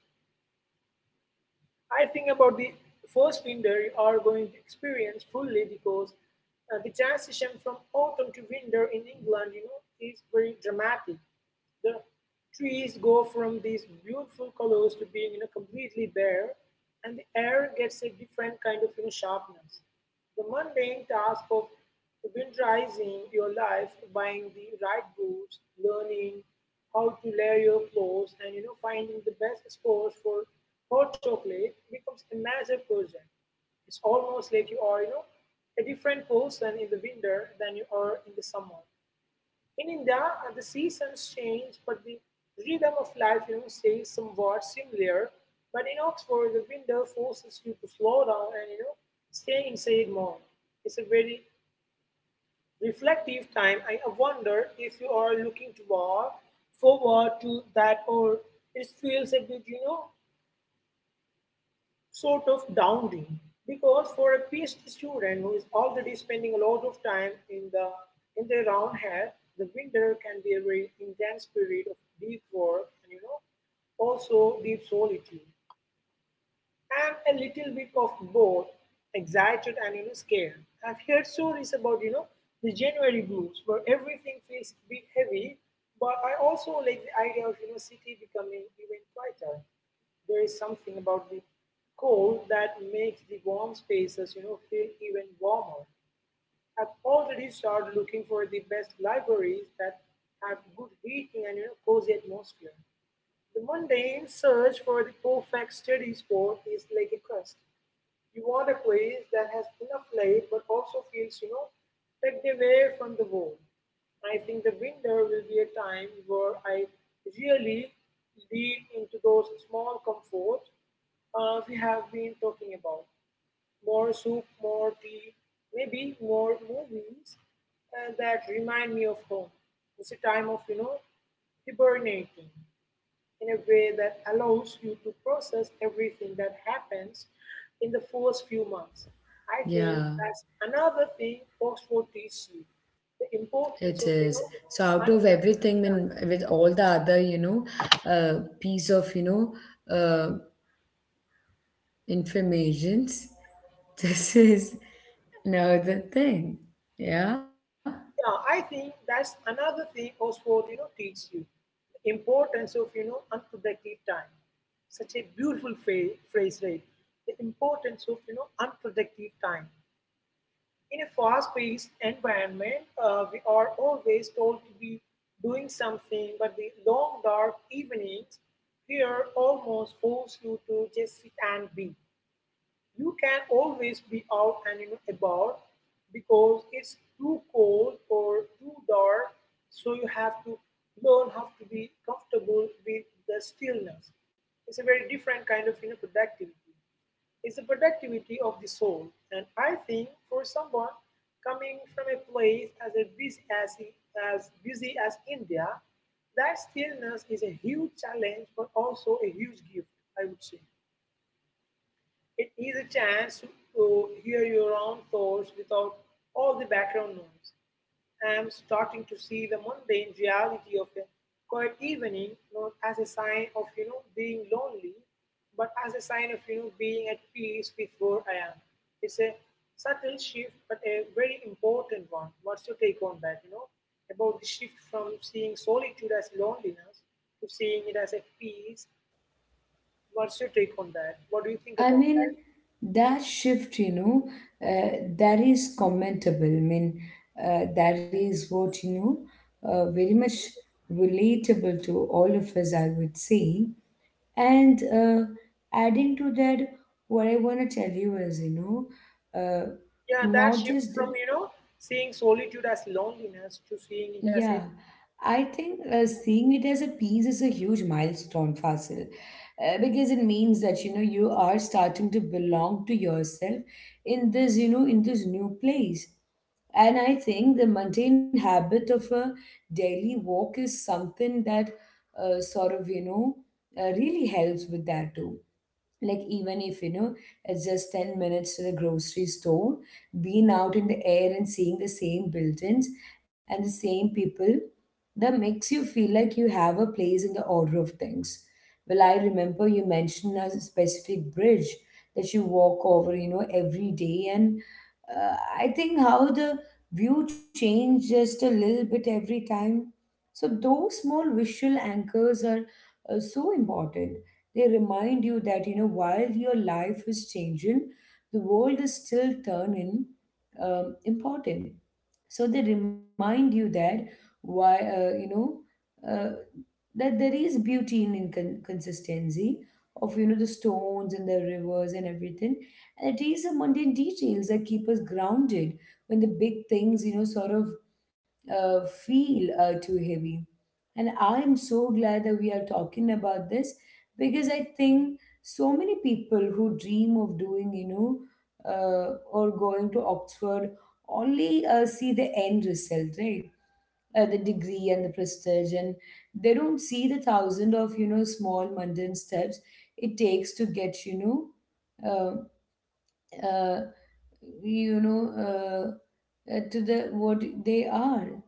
B: I think about the first winter you are going to experience fully because the transition from autumn to winter in England, you know, is very dramatic. The trees go from these beautiful colors to being, you know, completely bare, and the air gets a different kind of, you know, sharpness. The mundane task of winterizing your life, buying the right boots, learning how to layer your clothes, and, finding the best spots for hot chocolate becomes a massive project. It's almost like you are, you know, a different person in the winter than you are in the summer. In India, the seasons change, but the rhythm of life, you know, stays somewhat similar. But in Oxford, the winter forces you to slow down and, you know, stay inside more. It's a very reflective time. I wonder if you are looking forward to that, or it feels a bit, you know, sort of dowry, because for a PhD student who is already spending a lot of time in their own head, the winter can be a very intense period of deep work and, also deep solitude. I'm a little bit of both excited and, scared. I've heard stories about, the January blues where everything feels a bit heavy, but I also like the idea of, city becoming even quieter. There is something about the cold that makes the warm spaces, feel even warmer. I've already started looking for the best libraries that have good heating and, cozy atmosphere. The mundane search for the perfect study spot is like a quest. You want a place that has enough light but also feels, you know, tucked away from the world. I think the winter will be a time where I really lean into those small comforts we have been talking about. More soup, more tea, maybe more movies that remind me of home. It's a time of, you know, hibernating in a way that allows you to process everything that happens in the first few months. I think
A: Yeah,
B: that's another thing post four teaches you, the importance
A: it
B: of, you
A: is.
B: know,
A: So out of
B: unpredictability.
A: everything, I mean, with all the other, piece ofuh, informations. *laughs* This is another thing. Yeah.
B: Yeah, I think that's another thing post four, you know, teaches you, the importance of, you know, unproductive time. Such a beautiful phrase, right? The importance of, you know, unproductive time. In a fast paced environment, we are always told to be doing something, but the long dark evenings here almost force you to just sit and be. You can always be out and, you know, about because it's too cold or too dark, so you have to learn how to be comfortable with the stillness. It's a very different kind of, you know, productivity. It's the productivity of the soul. And I think for someone coming from a place as a as busy as India, that stillness is a huge challenge but also a huge gift, I would say. It is a chance to hear your own thoughts without all the background noise. I am starting to see the mundane reality of a quiet evening not as a sign of being lonely, but as a sign of being at peace with where I am. It's a subtle shift, but a very important one. What's your take on that? About the shift from seeing solitude as loneliness to seeing it as a peace, what's your take on that? What do you think
A: I
B: about
A: mean,
B: that?
A: that shift, that is commentable. I mean, that is what, very much relatable to all of us, I would say. And adding to that, what I want to tell you is, know, uh,
B: Yeah, that
A: not
B: shift
A: just —
B: from, seeing solitude as loneliness to seeing it
A: Yeah,
B: as a,
A: I think seeing it as a piece is a huge milestone, Fasil, because it means that you are starting to belong to yourself in this new place. And I think the mundane habit of a daily walk is something that sort of really helps with that too, like even if it's just 10 minutes to the grocery store. Being out in the air and seeing the same buildings and the same people, that makes you feel like you have a place in the order of things. Well, I remember you mentioned a specific bridge that you walk over every day, and I think how the view changed just a little bit every time. So those small visual anchors are so important. They remind you that, while your life is changing, the world is still turning important. So they remind you that why, uh, that there is beauty in inconsistency of, the stones and the rivers and everything. And it is the mundane details that keep us grounded when the big things, sort of feel too heavy. And I'm so glad that we are talking about this, because I think so many people who dream of doing, or going to Oxford only see the end result, right? The degree and the prestige, and they don't see the thousand of, small mundane steps it takes to get, know, uh, uh, to the what they are.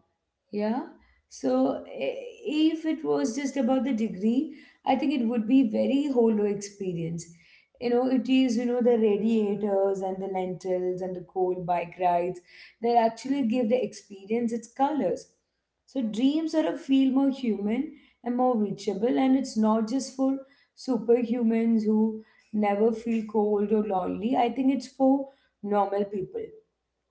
A: Yeah. So, if it was just about the degree, I think it would be very hollow experience. It is, the radiators and the lentils and the cold bike rides that actually give the experience its colors. So dreams sort of feel more human and more reachable, and it's not just for superhumans who never feel cold or lonely. I think it's for normal people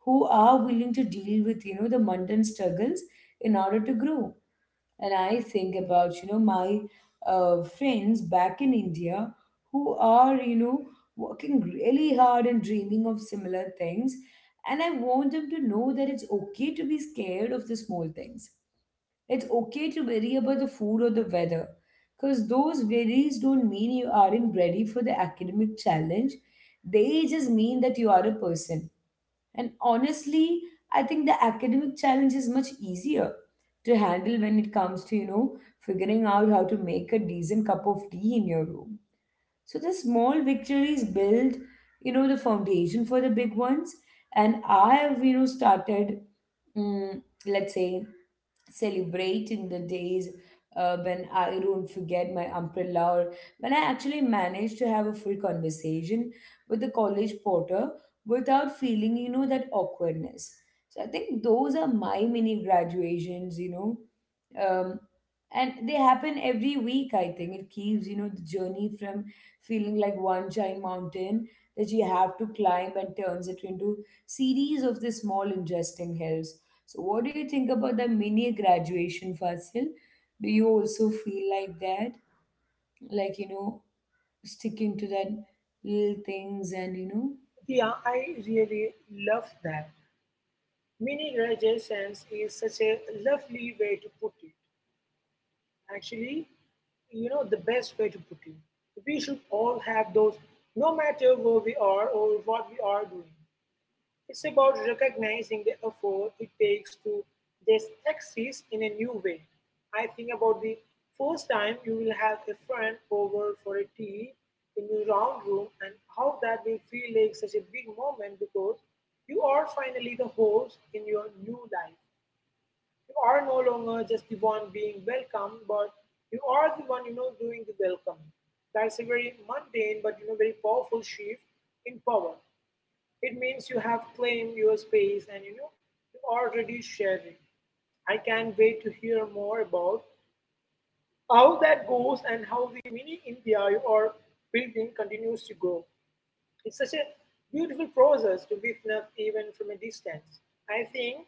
A: who are willing to deal with the mundane struggles in order to grow. And I think about my friends back in India, who are working really hard and dreaming of similar things. And I want them to know that it's okay to be scared of the small things. It's okay to worry about the food or the weather, because those worries don't mean you aren't ready for the academic challenge. They just mean that you are a person. And honestly, I think the academic challenge is much easier to handle when it comes to, figuring out how to make a decent cup of tea in your room. So the small victories build, you know, the foundation for the big ones. And I've, you know, started, let's say, celebrating the days when I don't forget my umbrella, or when I actually manage to have a full conversation with the college porter without feeling, that awkwardness. So I think those are my mini graduations. Um, and they happen every week, I think. It keeps, you know, the journey from feeling like one giant mountain that you have to climb, and turns it into series of the small interesting hills. So, what do you think about the mini graduation, Fasil? Do you also feel like that? Like, sticking to that little things and,
B: yeah, I really love that. Mini realizations is such a lovely way to put it. Actually, the best way to put it. We should all have those, no matter where we are or what we are doing. It's about recognizing the effort it takes to just exist in a new way. I think about the first time you will have a friend over for a tea in your round room and how that will feel like such a big moment because you are finally the host in your new life. You are no longer just the one being welcomed, but you are the one doing the welcoming. That's a very mundane but very powerful shift in power. It means you have claimed your space, and you already sharing. I can't wait to hear more about how that goes and how the mini India you are building continues to grow. It's such a beautiful process to witness even from a distance. I think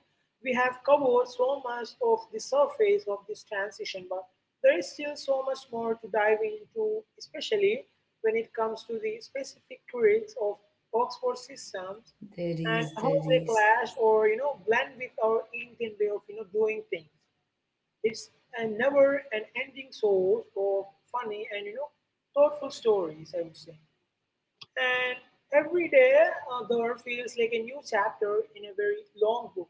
B: we have covered so much of the surface of this transition, but there is still so much more to dive into, especially when it comes to the specific traits of Oxford systems
A: there
B: and
A: is,
B: how
A: there
B: they
A: is.
B: clash or blend with our Indian way of doing things. It's a never an ending source of funny and thoughtful stories, I would say. And every day there feels like a new chapter in a very long book.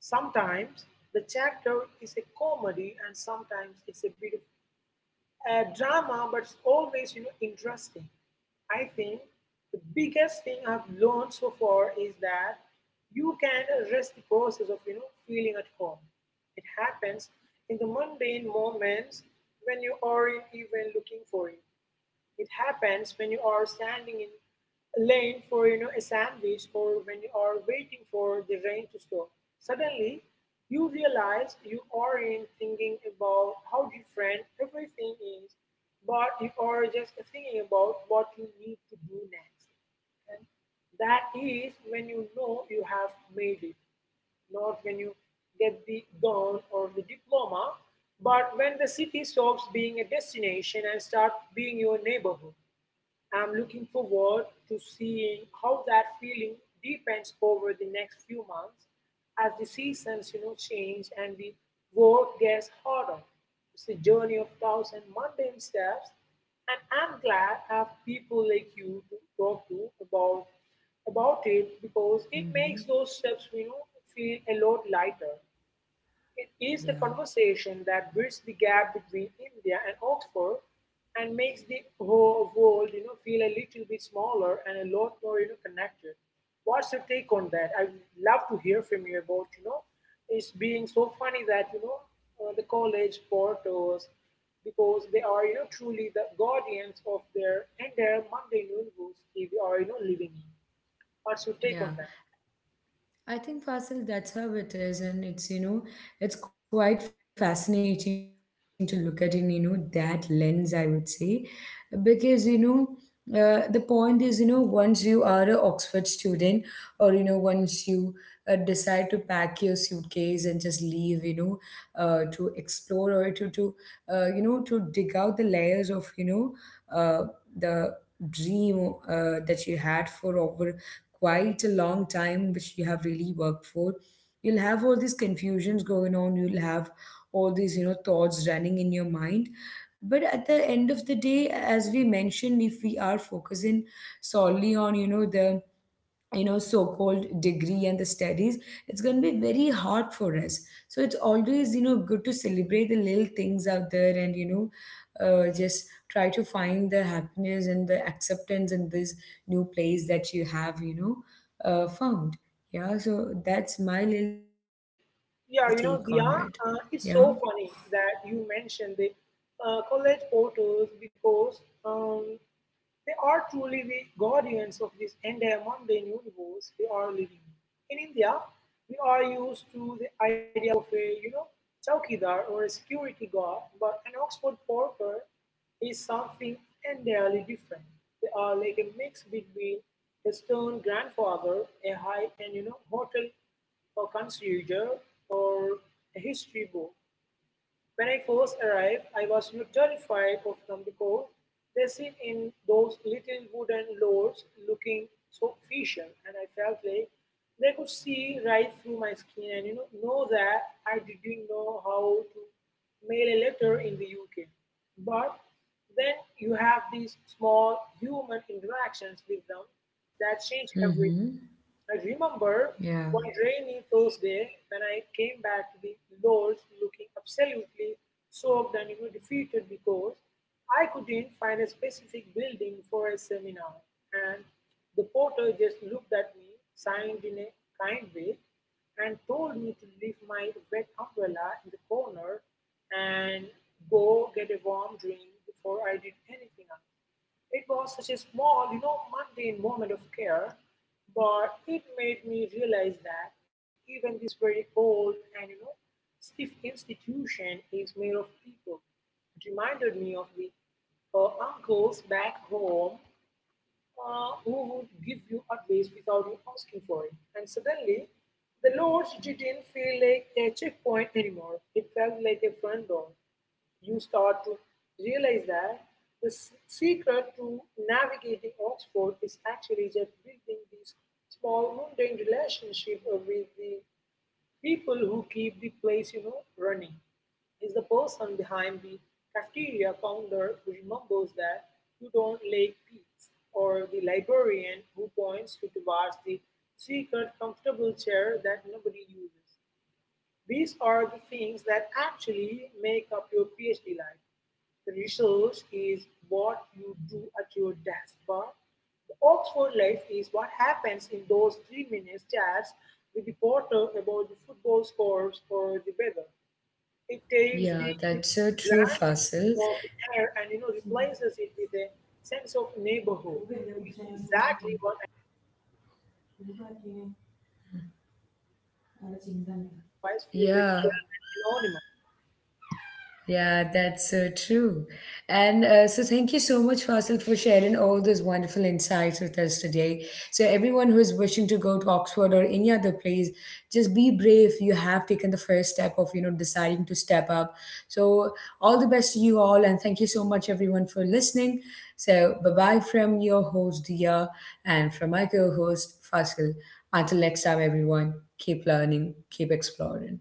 B: Sometimes the chapter is a comedy, and sometimes it's a bit of a drama, but it's always interesting. I think the biggest thing I've learned so far is that you can rest the process of feeling at home. It happens in the mundane moments when you aren't even looking for it. It happens when you are standing in a lane for a sandwich, or when you are waiting for the rain to stop. Suddenly, you realize you are in thinking about how different everything is, but you are just thinking about what you need to do next. And that is when you know you have made it, not when you get the gown or the diploma, but when the city stops being a destination and start being your neighborhood. I'm looking forward to seeing how that feeling deepens over the next few months as the seasons, change and the work gets harder. It's a journey of thousand mundane steps, and I'm glad I have people like you to talk to about it, because it
A: Mm-hmm.
B: makes those steps, feel a lot lighter. It
A: Yeah,
B: is the conversation that bridges the gap between India and Oxford and makes the whole world, feel a little bit smaller and a lot more, connected. What's your take on that? I would love to hear from you about, it's being so funny that, the college porters, because they are, truly the guardians of their entire Monday noon rules we are, living in. What's your take on that?
A: yeah. I think, Fasil, that's how it is, and it's quite fascinating to look at in that lens, I would say. Because the point is, once you are a Oxford student, or once you decide to pack your suitcase and just leave, to explore, or to to dig out the layers of, the dream that you had for over quite a long time, which you have really worked for. You'll have all these confusions going on. You'll have all these thoughts running in your mind. But at the end of the day, as we mentioned, if we are focusing solely on the, so-called degree and the studies, it's going to be very hard for us. So it's always good to celebrate the little things out there, and just try to find the happiness and the acceptance in this new place that you have found. Yeah. So that's my little take on it.
B: Yeah,
A: Yeah.
B: Diya, it's so funny that you mentioned the college porters because they are truly the guardians of this entire mundane universe we are living in. In India, we are used to the idea of a, chowkidar or a security guard, but an Oxford porter is something entirely different. They are like a mix between a stern grandfather, a high-end, hotel a consider or a history book. When I first arrived, I was terrified of them because they sit in those little wooden lords looking so official, and I felt like they could see right through my skin and know that I didn't know how to mail a letter in the UK. But then you have these small human interactions with them that change everything.
A: Mm-hmm.
B: I remember
A: Yeah.
B: one rainy Thursday when I came back to the lodge looking absolutely soaked and defeated because I couldn't find a specific building for a seminar. And the porter just looked at me, signed in a kind way, and told me to leave my wet umbrella in the corner and go get a warm drink before I did anything else. It was such a small, mundane moment of care, but it made me realize that even this very old and, stiff institution is made of people. It reminded me of the uncles back home, who would give you advice without you asking for it. And suddenly, the lodge didn't feel like a checkpoint anymore. It felt like a front door. You start to realize that the secret to navigating Oxford is actually just building this small mundane relationship with the people who keep the place running. Is the person behind the cafeteria counter who remembers that you don't like peas, or the librarian who points you towards the secret comfortable chair that nobody uses. These are the things that actually make up your PhD life. The research is what you do at your desk, but the Oxford life is what happens in those 3 minute chats with the porter about the football scores or the weather. It takes the
A: Yeah, that's so true, Fasil.
B: grandeur of the air and replaces it with a sense of neighborhood. It is exactly what I otherwise feel very
A: Yeah.
B: anonymous.
A: Yeah, that's so true. And so, thank you so much, Faisal, for sharing all those wonderful insights with us today. So, everyone who is wishing to go to Oxford or any other place, just be brave. You have taken the first step of, deciding to step up. So, all the best to you all, and thank you so much, everyone, for listening. So, bye bye from your host, Dia, and from my co host, Faisal. Until next time, everyone, keep learning, keep exploring.